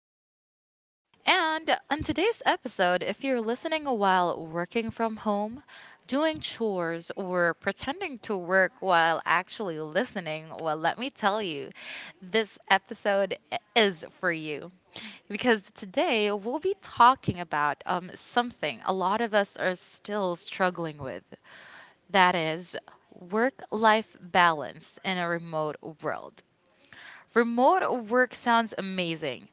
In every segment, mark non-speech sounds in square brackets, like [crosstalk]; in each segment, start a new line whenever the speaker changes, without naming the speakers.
Giselle. And on today's episode, if you're listening while working from home, doing chores, or pretending to work while actually listening, well, let me tell you, this episode is for you. Because today we'll be talking about something a lot of us are still struggling with, that is work life balance in a remote world. Remote work sounds amazing.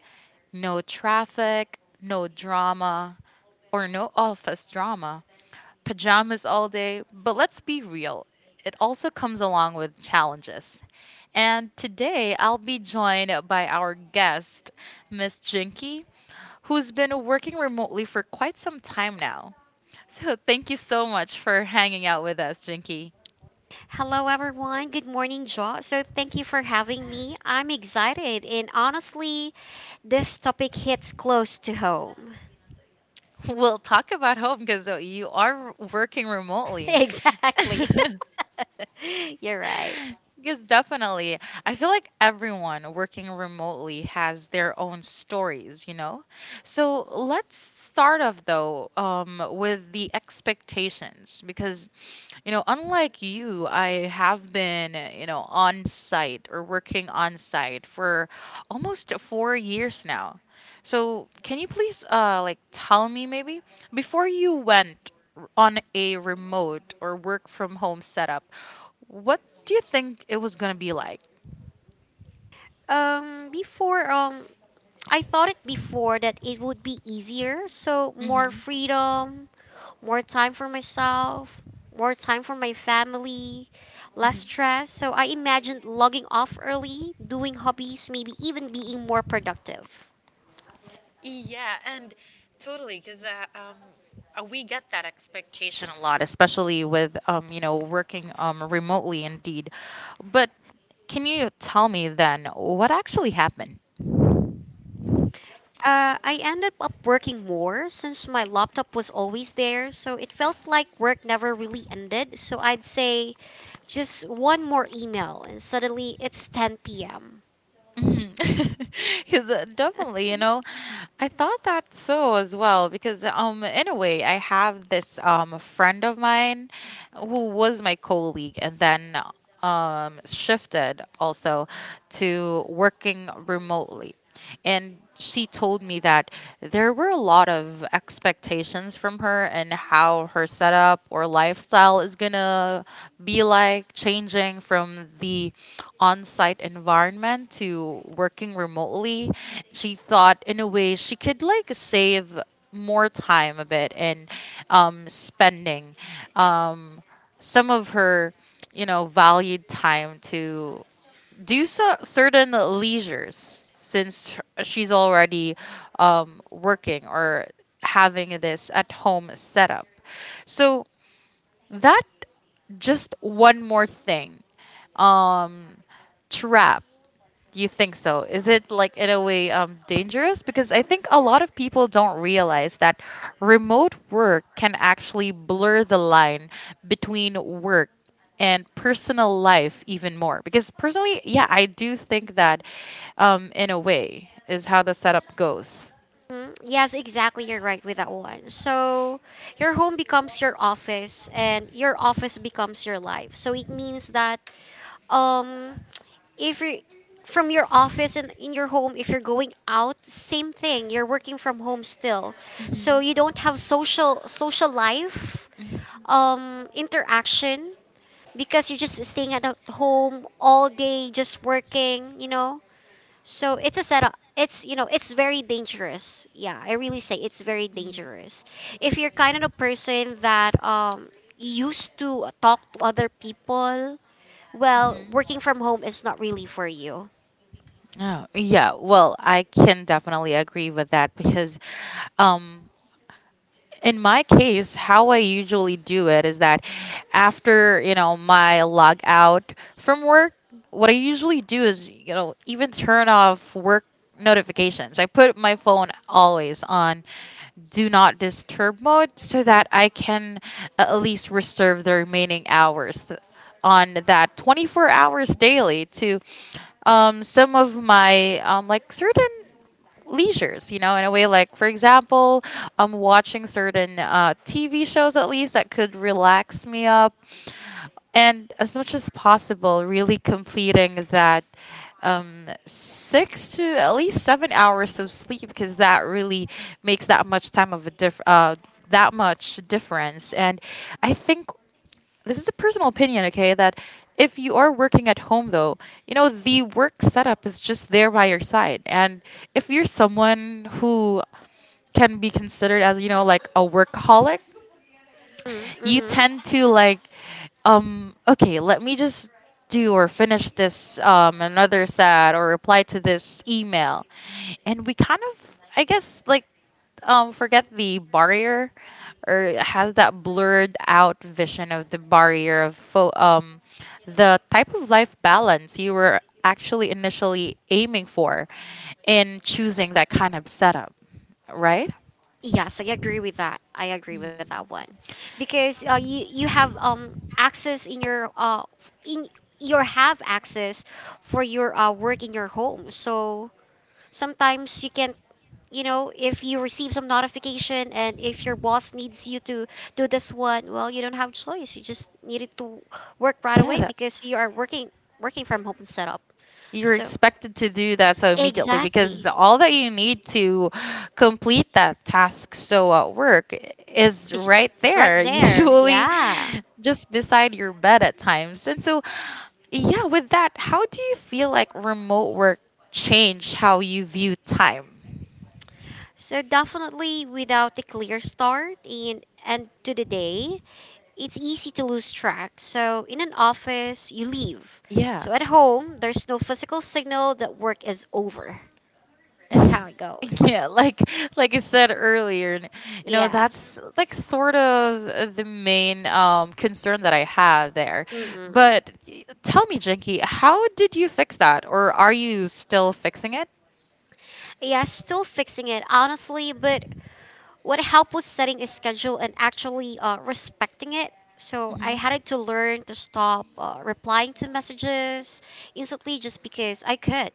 No traffic, no drama, or no office drama. Pajamas all day, but let's be real, it also comes along with challenges. And today I'll be joined by our guest, Miss Jinky, who's been working remotely for quite some time now. So thank you so much for hanging out with us, Jinky.
Hello, everyone. Good morning, Joe. So, thank you for having me. I'm excited, and honestly, this topic hits close to home.
[laughs] We'll talk about home because you are working
[laughs]
remotely.
exactly.
[laughs]
[laughs] You're right.
Because definitely, I feel like everyone working remotely has their own stories, you know? So let's start off though, with the expectations because you know, unlike you, I have been, you know, on site or working on site for almost 4 years now. So, can you please, like, tell me maybe before you went on a remote or work from home setup, what do you think it was gonna be like?
Before I thought it before that it would be easier. So, more
hmm
freedom, more time for myself, more time for my family, less
hmm
stress. So, I imagined logging off early, doing hobbies, maybe even being more productive.
We get that expectation a lot, especially with, you know, working remotely indeed. But can you tell me then what actually happened?
I ended up working more since my laptop was always there, so it felt like work never really ended. So I'd say just one more email, and suddenly it's 10 p.m.
Because [laughs] definitely, you know, I thought that so as well. Because in a way, I have this friend of mine who was my colleague, and then shifted also to working remotely. And she told me that there were a lot of expectations from her, and how her setup or lifestyle is gonna be like, changing from the on-site environment to working remotely. She thought in a way she could like save more time a bit, and spending um, some of her, you know, valued time to do so certain leisures, since she's already, working or having this at home setup. So that just one more thing, um trap, you think so? Is it like, in a way, dangerous? Because I think a lot of people don't realize that remote work can actually blur the line between work and personal life even more. Because personally, yeah, I do think that, in a way is how the setup goes.
Mm, [laughs] yes, exactly. You're right with that one. So your home becomes your office, and your office becomes your life. So it means that um if you from your office and in your home, if you're going out, same thing. You're working from home still. So you don't have social life,
Mhm.
interaction because you're just staying at home all day, just working. So it's a setup. It's very dangerous. Yeah, I really say it's very
Mm, dangerous.
dangerous. If you're kind of a person that used to talk to other people, well,
Mhm.
working from home is not really for you.
Oh, yeah. Well, I can definitely agree with that because, um in my case, how I usually do it is that after, you know, my log out from work, what I usually do is, you know, even turn off work notifications. I put my phone always on do not disturb mode so that I can, at least reserve the remaining hours on that 24 hours daily to, some of my, like certain leisures, you know, in a way, like for example, I'm watching certain, tv shows, at least that could relax me up, and as much as possible really completing that, six to at least 7 hours of sleep, because that really makes that much time of a diff that much difference. And I think, this is a personal opinion, okay, that if you are working at home though, you know the work setup is just there by your side, and if you're someone who can be considered as, you know, like a workaholic, you
Mm-hmm.
tend to like, okay, let me just do or finish this, another sad, or reply to this email, and we kind of, I guess, like, forget the barrier, or have that blurred out vision of the barrier of the type of life balance you were actually initially aiming for in choosing that kind of setup, right?
Yes, I agree with that. I agree with that
Hmm.
one, because you have access in your f- in you have access for your work in your home. So sometimes you can if you receive some notification and if your boss needs you to do this one, well you don't have choice. You just needed to work right
Yeah,
away
that,
because you are working working from home setup.
you're
So
expected to do that so immediately, because
exactly,
all that you need to complete that task so at work is
it's just
right
right
there [laughs]
there.
usually
Yeah.
just beside your bed at times. And so yeah, with that, how do you feel like remote work changed how you view time?
So definitely without a clear start and end to the day, it's easy to lose track. So in an office, you leave.
Yeah.
So at home, there's no physical signal that work is over. That's
[laughs]
how it goes.
Yeah, like I said earlier, you know,
Yeah.
that's like sort of, the main, concern that I have there.
Mm-mm.
But tell me, Jinky, how did you fix that, or are you still fixing it?
Yeah, still fixing it, honestly, but what helped was setting a schedule and actually respecting it. So I
Mm-hmm.
had to learn to stop replying to messages instantly just because I could.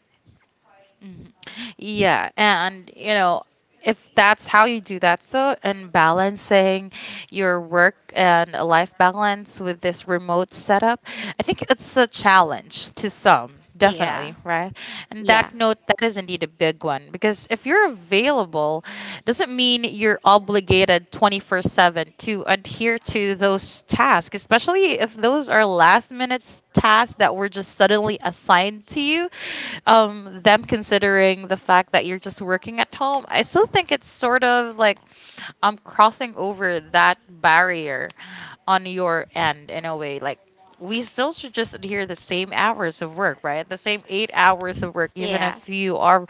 Mhm. Yeah, and you know, if that's how you do that, so and balancing your work and a life balance with this remote setup, I think it's a challenge to some,
Yeah.
definitely, right? And
Yeah.
that note, that is indeed a big one, because if you're available doesn't mean you're obligated 24/7 to adhere to those tasks, especially if those are last minute tasks that were just suddenly assigned to you. Them considering the fact that you're just working at home, I still think it's sort of like, crossing over that barrier on your end in a way, like we still should just adhere the same hours of work, right, the same 8 hours of work, even
Yeah.
if you are,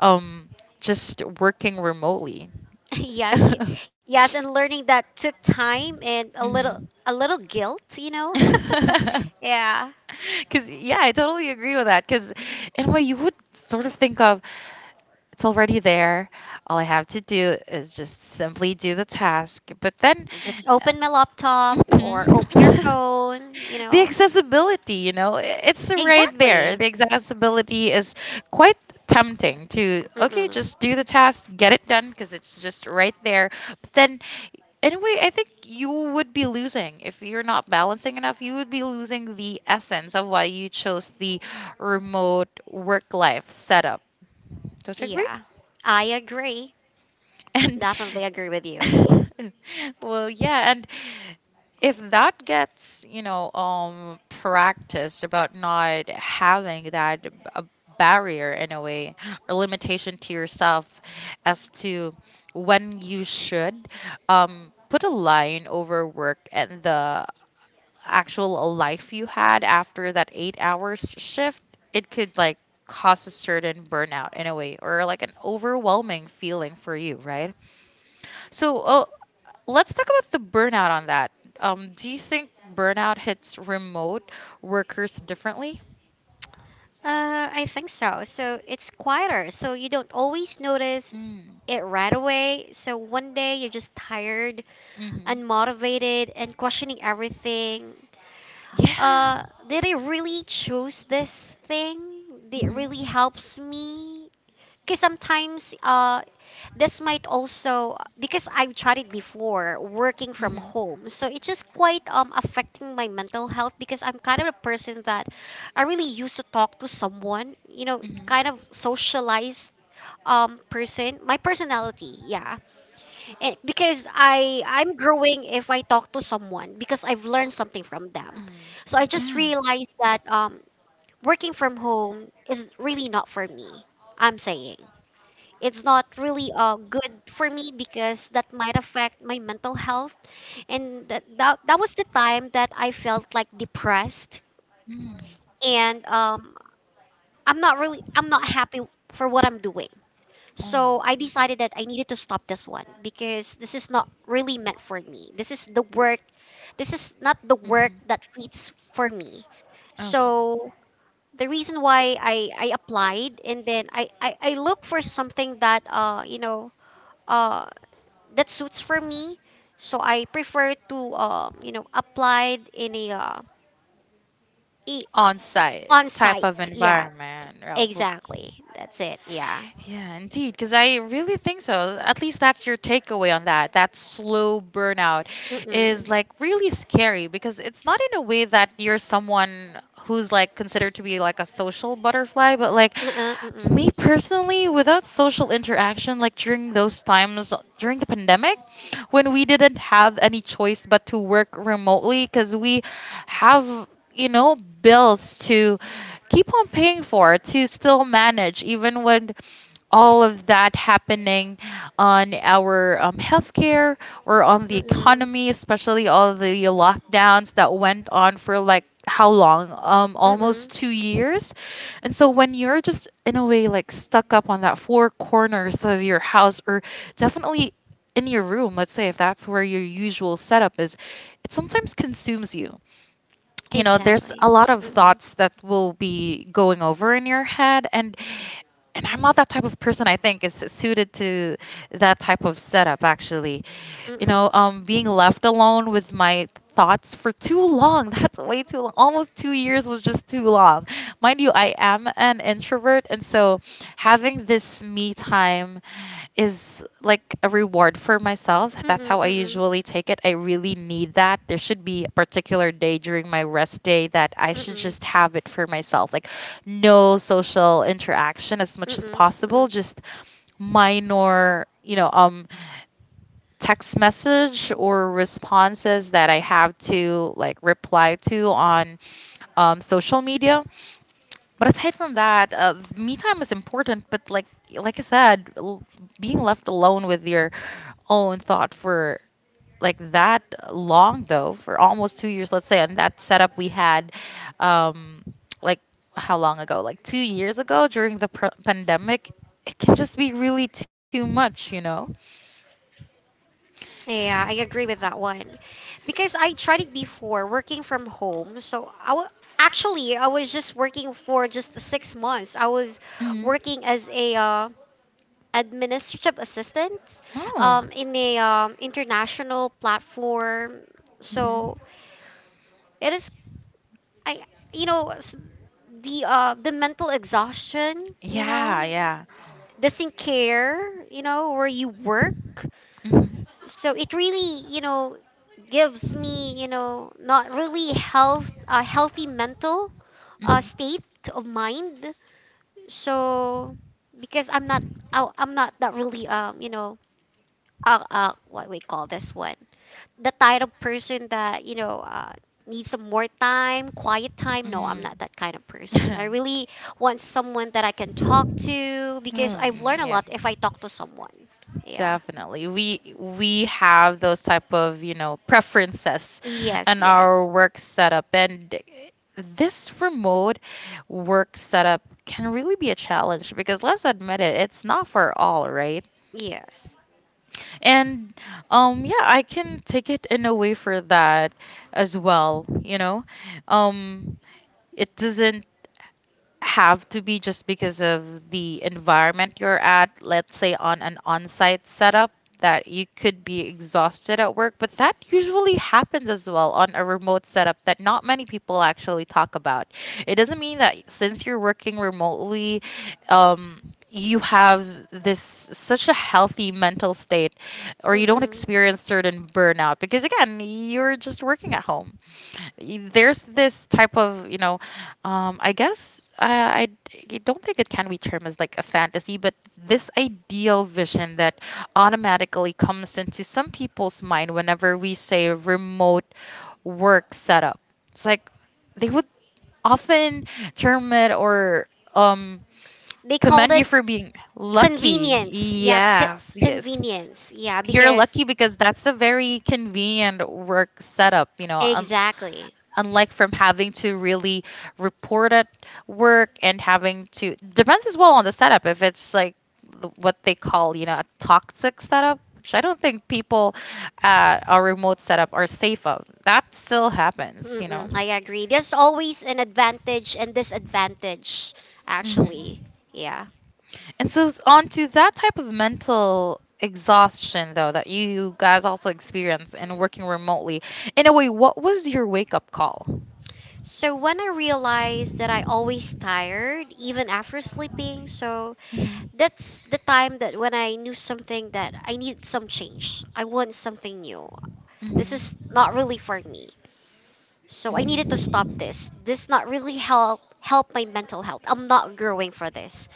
um just working remotely.
[laughs]
[laughs]
yes. ki-
hmm
Yes, and learning that took time and a little guilt. [laughs]
[laughs]
yeah.
Because, yeah, I totally agree with that. Because, in a way, you would sort of think of, it's already there. All I have to do is just simply do the task. But then.
Just open
[laughs]
my laptop or open your
Mhm.
phone, you
[laughs] The
know.
accessibility, you know, it's right there,
Exactly.
the accessibility is quite tempting to, okay,
Mm-mm.
just do the task, get it done, because it's just right there. But then anyway, I think you would be losing, if you're not balancing enough, you would be losing the essence of why you chose the remote work life setup, don't you agree?
Yeah. I agree.
And
Definitely agree with you.
[laughs] well, yeah, and if that gets, you know, practiced about not having that a barrier in a way or limitation to yourself as to when you should, put a line over work and the actual life you had after that 8 hours shift, it could like cause a certain burnout in a way, or like an overwhelming feeling for you, right? So, let's talk about the burnout on that. Do you think burnout hits remote workers differently?
I think so. So it's quieter. So you don't always notice
Mm.
it right away. So one day you're just tired,
Mm-hmm.
unmotivated, and questioning everything.
Yeah.
Did I really choose this thing?
Mm-hmm.
It
Mm-hmm. Mm-hmm.
really helps me. Because sometimes this might also because I've tried it before working from home, so it's just quite affecting my mental health because I'm kind of a person that I really used to talk to someone, you know, kind of socialized person. My personality, yeah. And because I'm growing if I talk to someone because I've learned something from them. So I just realized that working from home is really not for me. I'm saying it's not really good for me because that might affect my mental health and that was the time that I felt like depressed
Mm. Yeah. Mm.
and I'm not really I'm not happy for what I'm doing. So
Hmm.
I decided that I needed to stop this one because this is not really meant for me. This is the work this is not the work that fits for me. So the reason why I applied and then I look for something that uh that suits for me. So I prefer to applied in a i-
On site
on
type of
site. Yeah,
environment. Yeah,
exactly. That's it. Yeah.
yeah, indeed, because I really think so. At least that's your takeaway on that. That slow burnout is
Mm-mm.
like really scary, because it's not in a way that you're someone who's like considered to be like a social butterfly, but like
Mm-mm.
me personally, without social interaction, like during those times during the pandemic, when we didn't have any choice but to work remotely because we have, you know, bills to keep on paying for to still manage, even when all of that happening on our, healthcare or on the
Mm-mm. Mm-mm.
economy, especially all the lockdowns that went on for like how long? Almost
Mm-mm.
2 years. And so when you're just in a way like stuck up on that four corners of your house, or definitely in your room, let's say if that's where your usual setup is, it sometimes consumes you, you know, there's
Exactly.
a lot of
Mm-mm.
thoughts that will be going over in your head. And I'm not that type of person, I think, is suited to that type of setup actually, you know,
Mm-mm.
being left alone with my thoughts for too long. [laughs] That's way too long. Almost 2 years was just too long, mind you. I am an introvert, and so having this me time is like a reward for myself. That's
Mm-mm.
how I
Mm-mm.
usually take it. I really need that. There should be a particular day during my rest day that I should
Mm-mm.
just have it for myself. Like no social interaction as much as
Mm-mm.
possible,
Mm-mm.
just minor, you know, text message or responses that I have to like reply to on, social media. But aside from that, me time is important. But like I said, being left alone with your own thought for like that long though, for almost 2 years, let's say, and that setup we had, um, like how long ago? Like 2 years ago during the pandemic, it can just be really too much, you know.
Yeah, I agree with that one. Because I tried it before working from home. So I wa actually I was just working for just 6 months. I was
Hmm.
working as a administrative assistant
Oh.
in a international platform.
Hmm.
So it is I you know s- the mental exhaustion, you
Yeah,
know,
yeah.
doesn't care, you know, where you work.
Hmm.
So it really, you know, gives me, you know, not really health a healthy mental
Hmm.
state of mind. So because I'm not I'm not that really what we call this one the type of person that needs some more time quiet time no I'm
Mm.
not that kind of person I
[laughs] Oh.
really want someone that I can talk to because I've learned
Mm,
a
yeah.
lot if I talk to someone yeah
Definitely. We have those type of, you know, preferences
yes
in our
yes
work setup, and this remote work setup can really be a challenge, because let's admit it, it's not for all, right?
yes.
And yeah, I can take it in a way for that as well, you know. Um, it doesn't have to be just because of the environment you're at, let's say on an on site setup, that you could be exhausted at work. But that usually happens as well on a remote setup that not many people actually talk about. It doesn't mean that since you're working remotely, um, you have this such a healthy mental state or you don't
Mm-mm.
experience certain burnout because again you're just working at home. There's this type of, you know, I guess I I don't think it can be termed as like a fantasy, but this ideal vision that automatically comes into some people's mind whenever we say remote work setup. It's like they would often term it or um
They called
commend you
it
for being lucky.
convenience yeah
Yes, yes,
convenience yeah
you're
because
lucky because that's a very convenient work setup, you know,
exactly.
unlike from having to really report at work, and having to depends as well on the setup if it's like what they call, you know, a toxic setup, which I don't think people at a remote setup are safe of. That still happens, you know
Mm-mm, I agree there's always an advantage and disadvantage
hmm
actually yeah.
And so, it's on to that type of mental exhaustion, though, that you guys also experience in working remotely. In a way, what was your wake up call?
So when I realized that I always tired even after sleeping, so
Mhm.
that's the time that when I knew something that I needed some change. I want something new.
Mhm.
This is
Mhm.
not really for me. So I needed to stop this. This not really help my mental health. I'm not growing for this.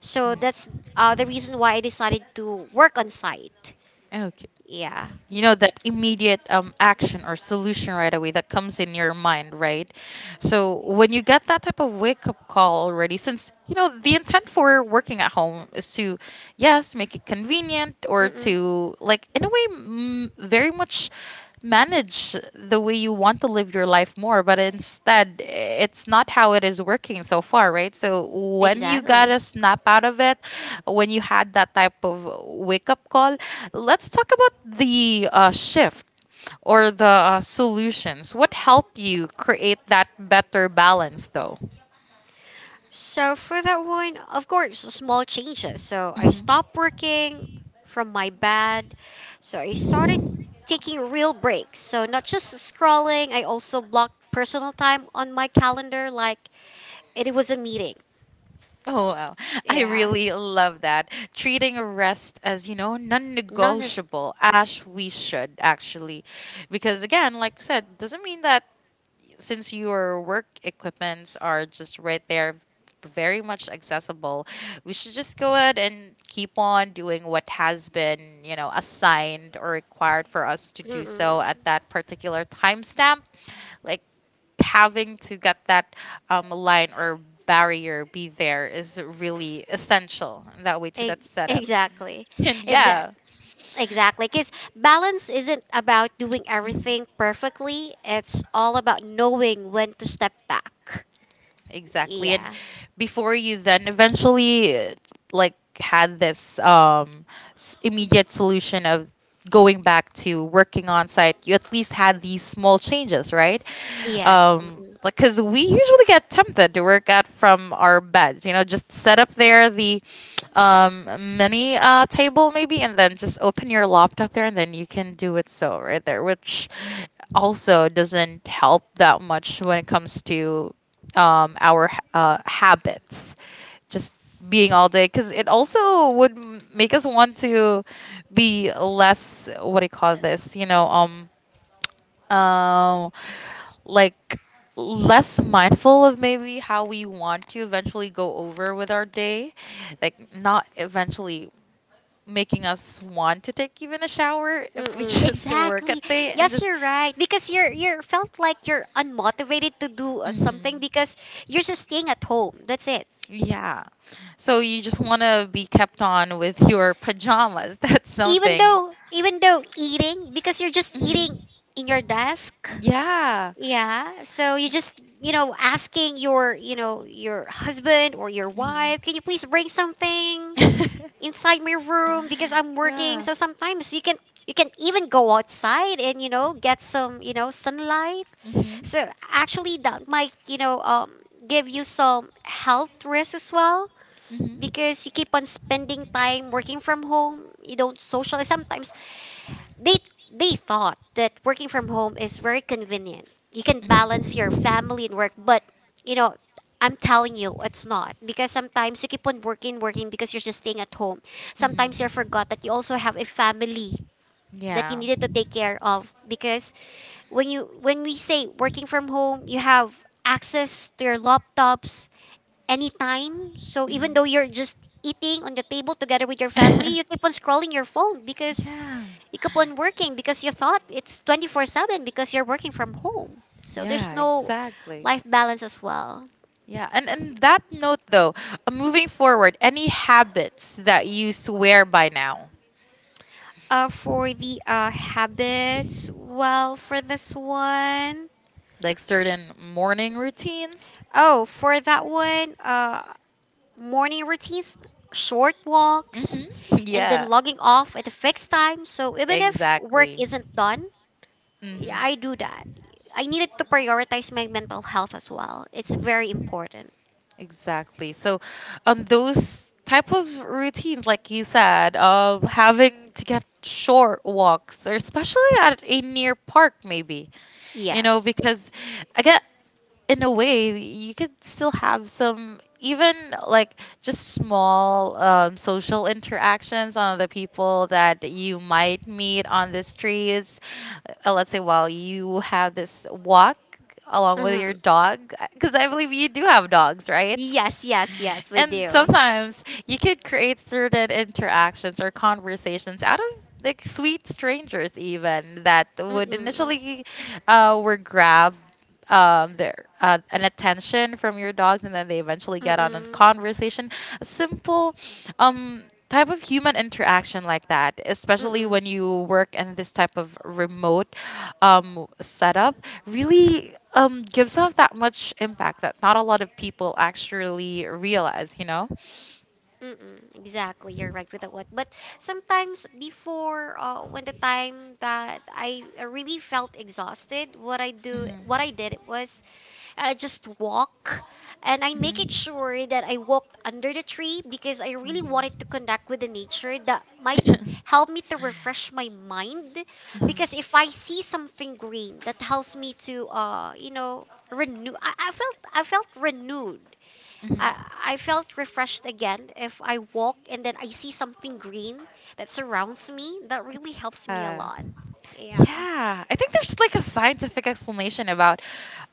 So that's the reason why I decided to work on site.
Mm.
Yeah.
You know that immediate action or solution right away that comes in your mind, right? So when you get that type of wake up call already, since you know the intent for working at home is to, yes, make it convenient, or
Mm-mm.
to, like, in a way, very much manage the way you want to live your life more, but instead it's not how it is working so far, right? So when you got
Exactly.
a snap out of it, when you had that type of wake up call, let's talk about the shift or the solutions. What help you create that better balance, though?
So for that one, of course, small changes. So I
Mhm.
stopped working from my bed. So I started taking real breaks. So not just scrolling, I also blocked personal time on my calendar like it was a meeting.
Oh, wow. I
Yeah.
really love that. Treating rest as, you know,
None is
non-negotiable, as we should actually. Because again, like I said, doesn't mean that since your work equipments are just right there, very much accessible, we should just go ahead and keep on doing what has been, you know, assigned or required for us to do
mm-mm.
so at that particular timestamp. Like, having to get that line or barrier be there is really essential in that way to that setup.
Exactly.
And
Exact.
yeah.
Exactly, because balance isn't about doing
Mhm.
everything perfectly. It's all about knowing when to step back.
Exactly. And
Yeah.
before you then eventually, like, had this immediate solution of going back to working on site, you at least had these small changes, right?
Yes. Mm-mm.
Like, because we usually get tempted to work out from our beds, you know, just set up there the um mini table, maybe, and then just open your laptop there and then you can do it so right there, which also doesn't help that much when it comes to our habits just being all day, because it also would make us want to be less, what do you call this, you know, um like, less mindful of maybe how we want to eventually go over with our day, like, not eventually making us want to take even a shower if we [laughs]
Mm-mm.
just work
Exactly.
at day and
Yes,
just.
you're right. Because you're felt like you're unmotivated to do
Mhm.
something because you're just staying at home. That's it.
Yeah, so you just want to be kept on with your pajamas [laughs] that's
Even
something.
though even though eating because you're just
Mhm.
eating in your desk.
Yeah.
Yeah. So you just, you know, asking your, you know, your husband or your wife, can you please bring something inside my room because I'm working. So sometimes you can even go outside and, you know, get some, you know, sunlight.
Mhm.
So actually that might, you know, give you some health risk as well because you keep
[laughs]
on spending time working from home. You don't socialize. Sometimes they they thought that working from home is very convenient. You can balance your
Mhm.
family and work, but you know, I'm telling you, it's not because sometimes you keep on working, working because you're just staying at home.
Mhm.
Sometimes you forgot that you also have a family that you
Yeah.
needed to
Mhm.
take care of because when we say working from home, you have access to your laptops anytime. So even though you're just eating on the table together with your family, you keep on
[laughs]
scrolling your phone because
Yeah,
you keep on working because you thought it's 24/7 because you're working from home. So there's
yeah,
no
exactly.
life balance as well.
Yeah, and that note, though, moving forward, any habits that you swear by now,
For the habits, well, for this one,
like certain morning routines?
oh, for that one, Morning routines, short walks,
Mm-hmm. [laughs]
and
Yeah,
then logging off at a fixed time. So even if work
exactly.
isn't done,
Mm-hmm.
yeah, I do that. I needed to prioritize my mental health as well. It's very important.
Exactly. So, those type of routines, like you said, having to get short walks, or especially at a near park, maybe, you know,
Yes.
because again, in a way you could still have some, even like just small, social interactions on the people that you might meet on the streets, let's say while you have this walk along with
hmm
your dog, because I believe you do have dogs, right?
Yes, yes, yes, we
And
do.
sometimes you could create certain interactions or conversations out of, like, sweet strangers even, that would
Mm-mm.
initially were grabbed, their an attention from your dogs, and then they eventually get on a
Mm-mm.
conversation, a simple um type of human interaction like that, especially
Mm-mm.
when you work in this type of remote setup, really gives off that much impact that not a lot of people actually realize, you know.
Mm-mm. Exactly, you're right with that one. But sometimes before, when the time that I really felt exhausted, what I did was I just walk and I make it sure that I walked under the tree because I really wanted to connect with the nature that might help me to
[coughs]
refresh my mind because if I see something green that helps me to renew I felt renewed.
Mhm.
I, I felt refreshed again if I walk and then I see something green that surrounds me that really helps me a
Uh,
lot. Yeah.
Yeah, I think there's like a scientific explanation about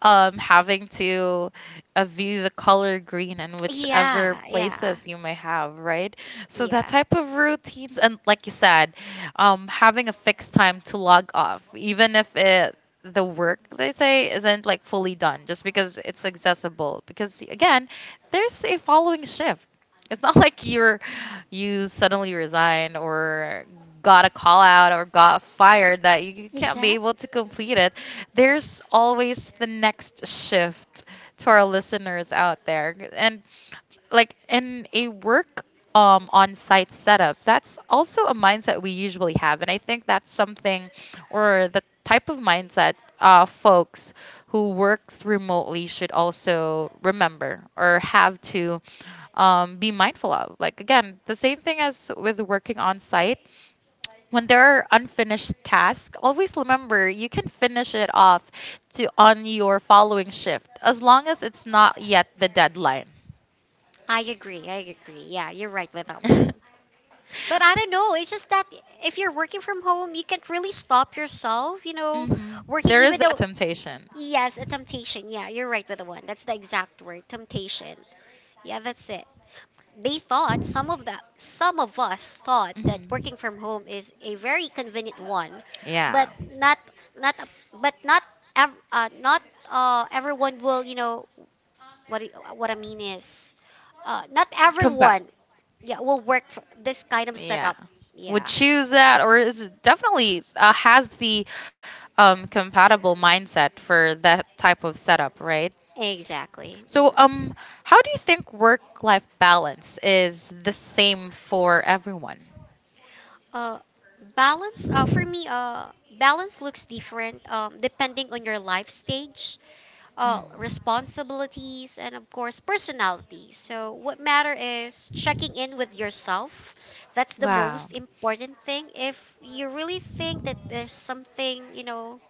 having to view the color green in whichever
Yeah, yeah,
places you may have, right? So that
yeah.
type of routines, and like you said, having a fixed time to log off, even if it the work, they say, isn't like fully done, just because it's accessible. Because again, there's a following shift. It's not like you suddenly resigned, or got a call out, or got fired, that you can't be able
Exactly.
to complete it. There's always the next shift. To our listeners out there, and, like, in a work on site setup, that's also a mindset we usually have. And I think that's something, or the type of mindset folks who works remotely should also remember, or have to be mindful of. Like, again, the same thing as with working on site. When there are unfinished tasks, always remember you can finish it off to on your following shift as long as it's not yet the deadline.
I agree. I agree. Yeah, you're right with that one.
[laughs]
But I don't know. It's just that if you're working from home, you can't really stop yourself, you know,
Hmm.
working
There is
even
that
though,
temptation.
yes, a temptation. Yeah, you're right with the one. That's the exact word, temptation. Yeah, that's it. They thought some of us thought that
Mhm.
working from home is a very convenient one,
Yeah.
but not not but not ev- not everyone what I mean is, not
Compa-
everyone yeah will work for this kind of
yeah,
setup.
would
Yeah,
choose that, or is it definitely has the compatible mindset for that type of setup, right?
exactly.
So
hmm
how do you think work life balance is the same for everyone?
Uh, balance. For me, balance looks different depending on your life stage, responsibilities, and of course personality. So what matter is checking in with yourself. That's
The
the
Wow.
most important thing. If you really think that there's something you know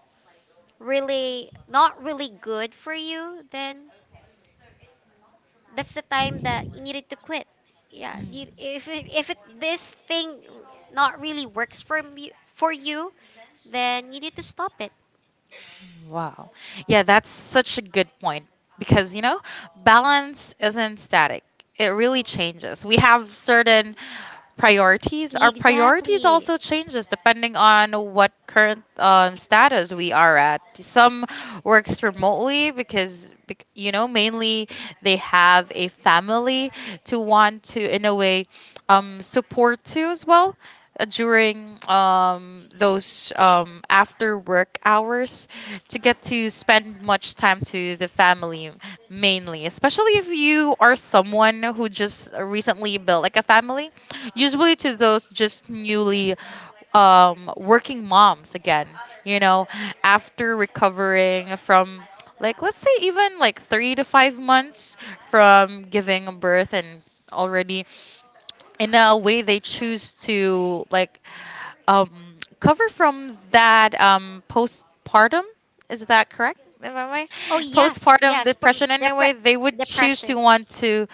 really not really good for you, then that's the time that you needed to quit. Yeah, you,
Mm.
if it, this thing not really works for you, then you need to stop it.
Wow. Yeah, that's such a good point because, you know, balance isn't static. It really changes. We have certain priorities. Our priorities
Exactly.
also changes depending on what current status we are at. Some works remotely because, you know, mainly they have a family to want to, in a way, support to as well, during those after work hours, to get to spend much time to the family, mainly, especially if you are someone who just recently built like a family, usually to those just newly working moms, again, you know, after recovering from, like, let's say even like 3 to 5 months from giving birth, and already in a way they choose to, like, um, cover from that postpartum. Is that correct? Am I right?
Oh yes,
Postpartum
yes, but
depression?
depre-
Anyway, they would choose to
depression.
want to,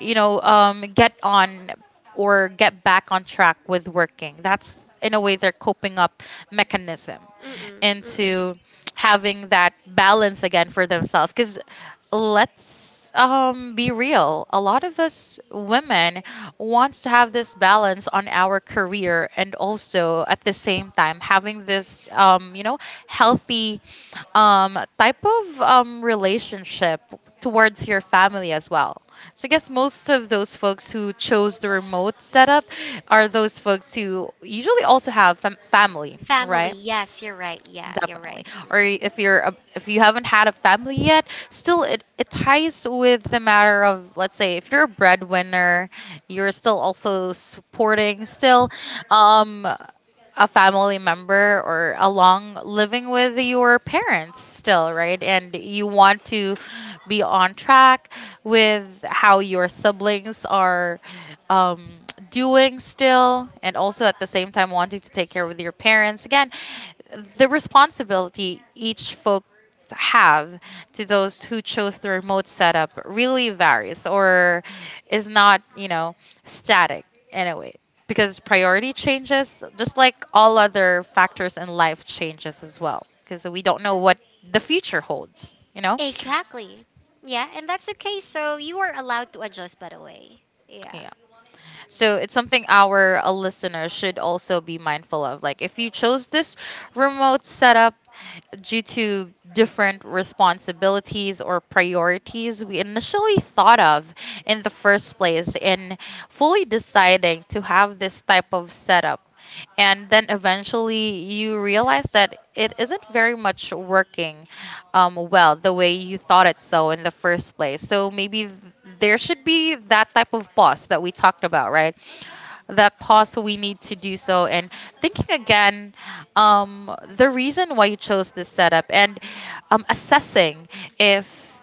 you know, get on or get back on track with working. That's in a way their coping up mechanism
Mm-mm, mm-mm.
into having that balance again for themselves. Because let's, be real, a lot of us women wants to have this balance on our career, and also at the same time having this, you know, healthy type of relationship towards your family as well. So I guess most of those folks who chose the remote setup are those folks who usually also have family,
Family.
right?
Yes, you're right. Yeah, you're
Definitely.
right.
Or
Mm-mm.
if if you haven't had a family yet, still it ties with the matter of, let's say if you're a breadwinner, you're still also supporting still um a family member, or along living with your parents still, right? And you want to be on track with how your siblings are um, doing still, and also at the same time wanting to take care of your parents. Again, the responsibility each folks have to those who chose the remote setup really varies, or is not, you know, static anyway, because priority changes, just like all other factors in life changes as well, because we don't know what the future holds, you know.
Exactly. Yeah, and that's okay. So you are allowed to adjust, by the way. Yeah.
Yeah, so it's something our listeners should also be mindful of. Like, if you chose this remote setup due to different responsibilities or priorities we initially thought of in the first place, in fully deciding to have this type of setup, and then eventually you realize that it isn't very much working well the way you thought it so in the first place. So maybe there should be that type of pause that we talked about, right? That pause we need to do so, and thinking again, the reason why you chose this setup, and assessing if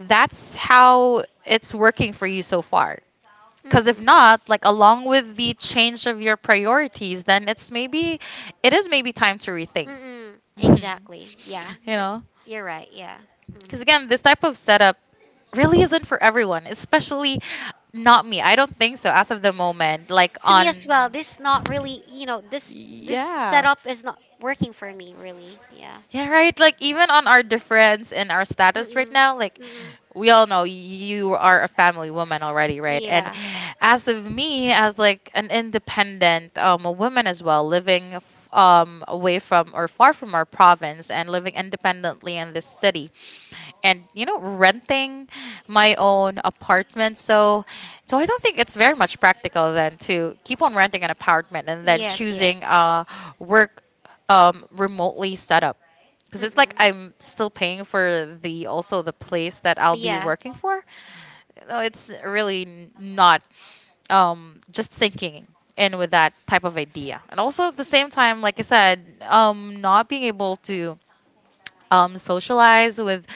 that's how it's working for you so far. Because if
Mm-mm.
not, like, along with the change of your priorities, then it's maybe, it is maybe time to rethink.
Mm-mm.
[laughs] Mhm.
Exactly. Yeah.
You know?
You're right. Yeah. hmm
Because again, this type of setup really isn't for everyone, especially not me. I don't think so as of the moment. Like
To me
on,
as well. This not really. You know, this
yeah.
setup is not working for me really. Yeah.
Yeah, right. Like, even on our difference and our status right
Mm-mm.
now, like,
Mm-mm.
we all know you are a family woman already, right? And
Yeah.
as of me, as like an independent a woman as well, living away from or far from our province, and living independently in this city, and you know, renting my own apartment, so I don't think it's very much practical then to keep on renting an apartment and then
Yes.
choosing
Yes.
a work remotely setup, because it's
Mm-mm.
like I'm still paying for the also the place that I'll be
Yeah.
working for. No, it's really not just thinking in with that type of idea, and also at the same time, like I said, not being able to socialize with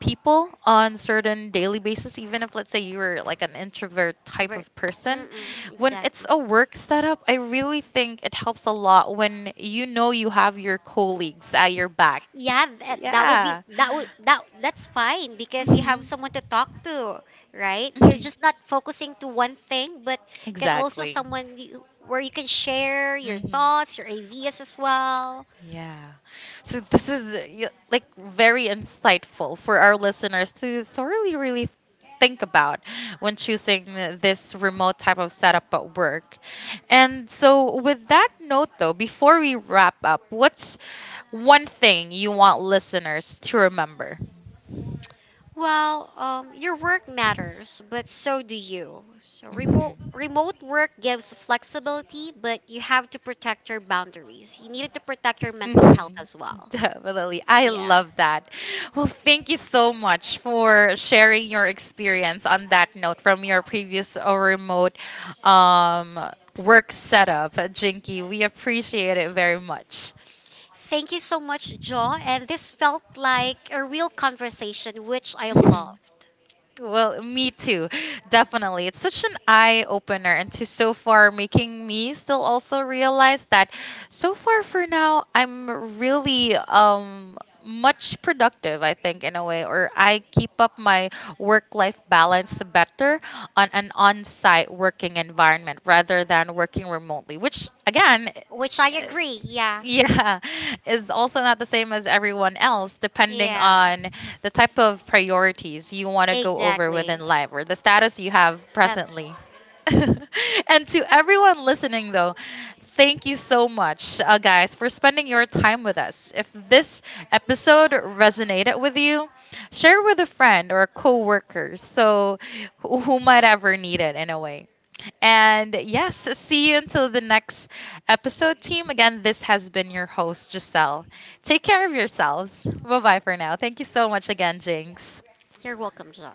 people on certain daily basis, even if, let's say, you were like an introvert type
Ver-
of person.
Mm-mm.
When it's
Exactly.
a work setup, I really think it helps a lot when, you know, you have your colleagues at your back.
Yeah, that would be
Yeah.
that would that that's fine because you have
Mhm.
someone to talk to, right? You're
Mhm.
just not focusing to one thing, but you can also
Exactly.
someone you, where you can share your
Mhm.
thoughts, your ideas as well.
Yeah. So this is like very insightful for our listeners to thoroughly really think about when choosing this remote type of setup at work. And so with that note, though, before we wrap up, what's one thing you want listeners to remember?
Well, your work matters, but so do you. So remote
Mhm.
remote work gives flexibility, but you have to protect your boundaries. You needed to protect your mental health
Mhm.
as well.
Definitely. I
Yeah.
love that. Well, thank you so much for sharing your experience on that note, from your previous remote um, work setup, Jinky. We appreciate it very much.
Thank you so much, Joe. And this felt like a real conversation, which I
Mhm.
loved,
Well, me too. Definitely. It's such an eye opener, and to so far making me still also realize that, so far for now, I'm really much productive, I think, in a way, or I keep up my work life balance better on an on-site working environment rather than working remotely, which again,
which I agree. Yeah. [laughs]
yeah, [laughs] is also not the same as everyone else, depending
Yeah.
on the type of priorities you want to go over within
Exactly.
life, or the status you have
Have-
presently. [laughs] And to everyone listening, though, thank you so much, guys, for spending your time with us. If this episode resonated with you, share with a friend or a coworker, so who might ever need it in a way. And yes, see you until the next episode, team. Again, this has been your host, Giselle. Take care of yourselves. Bye bye for now. Thank you so much again, Jinx.
You're welcome, Joe.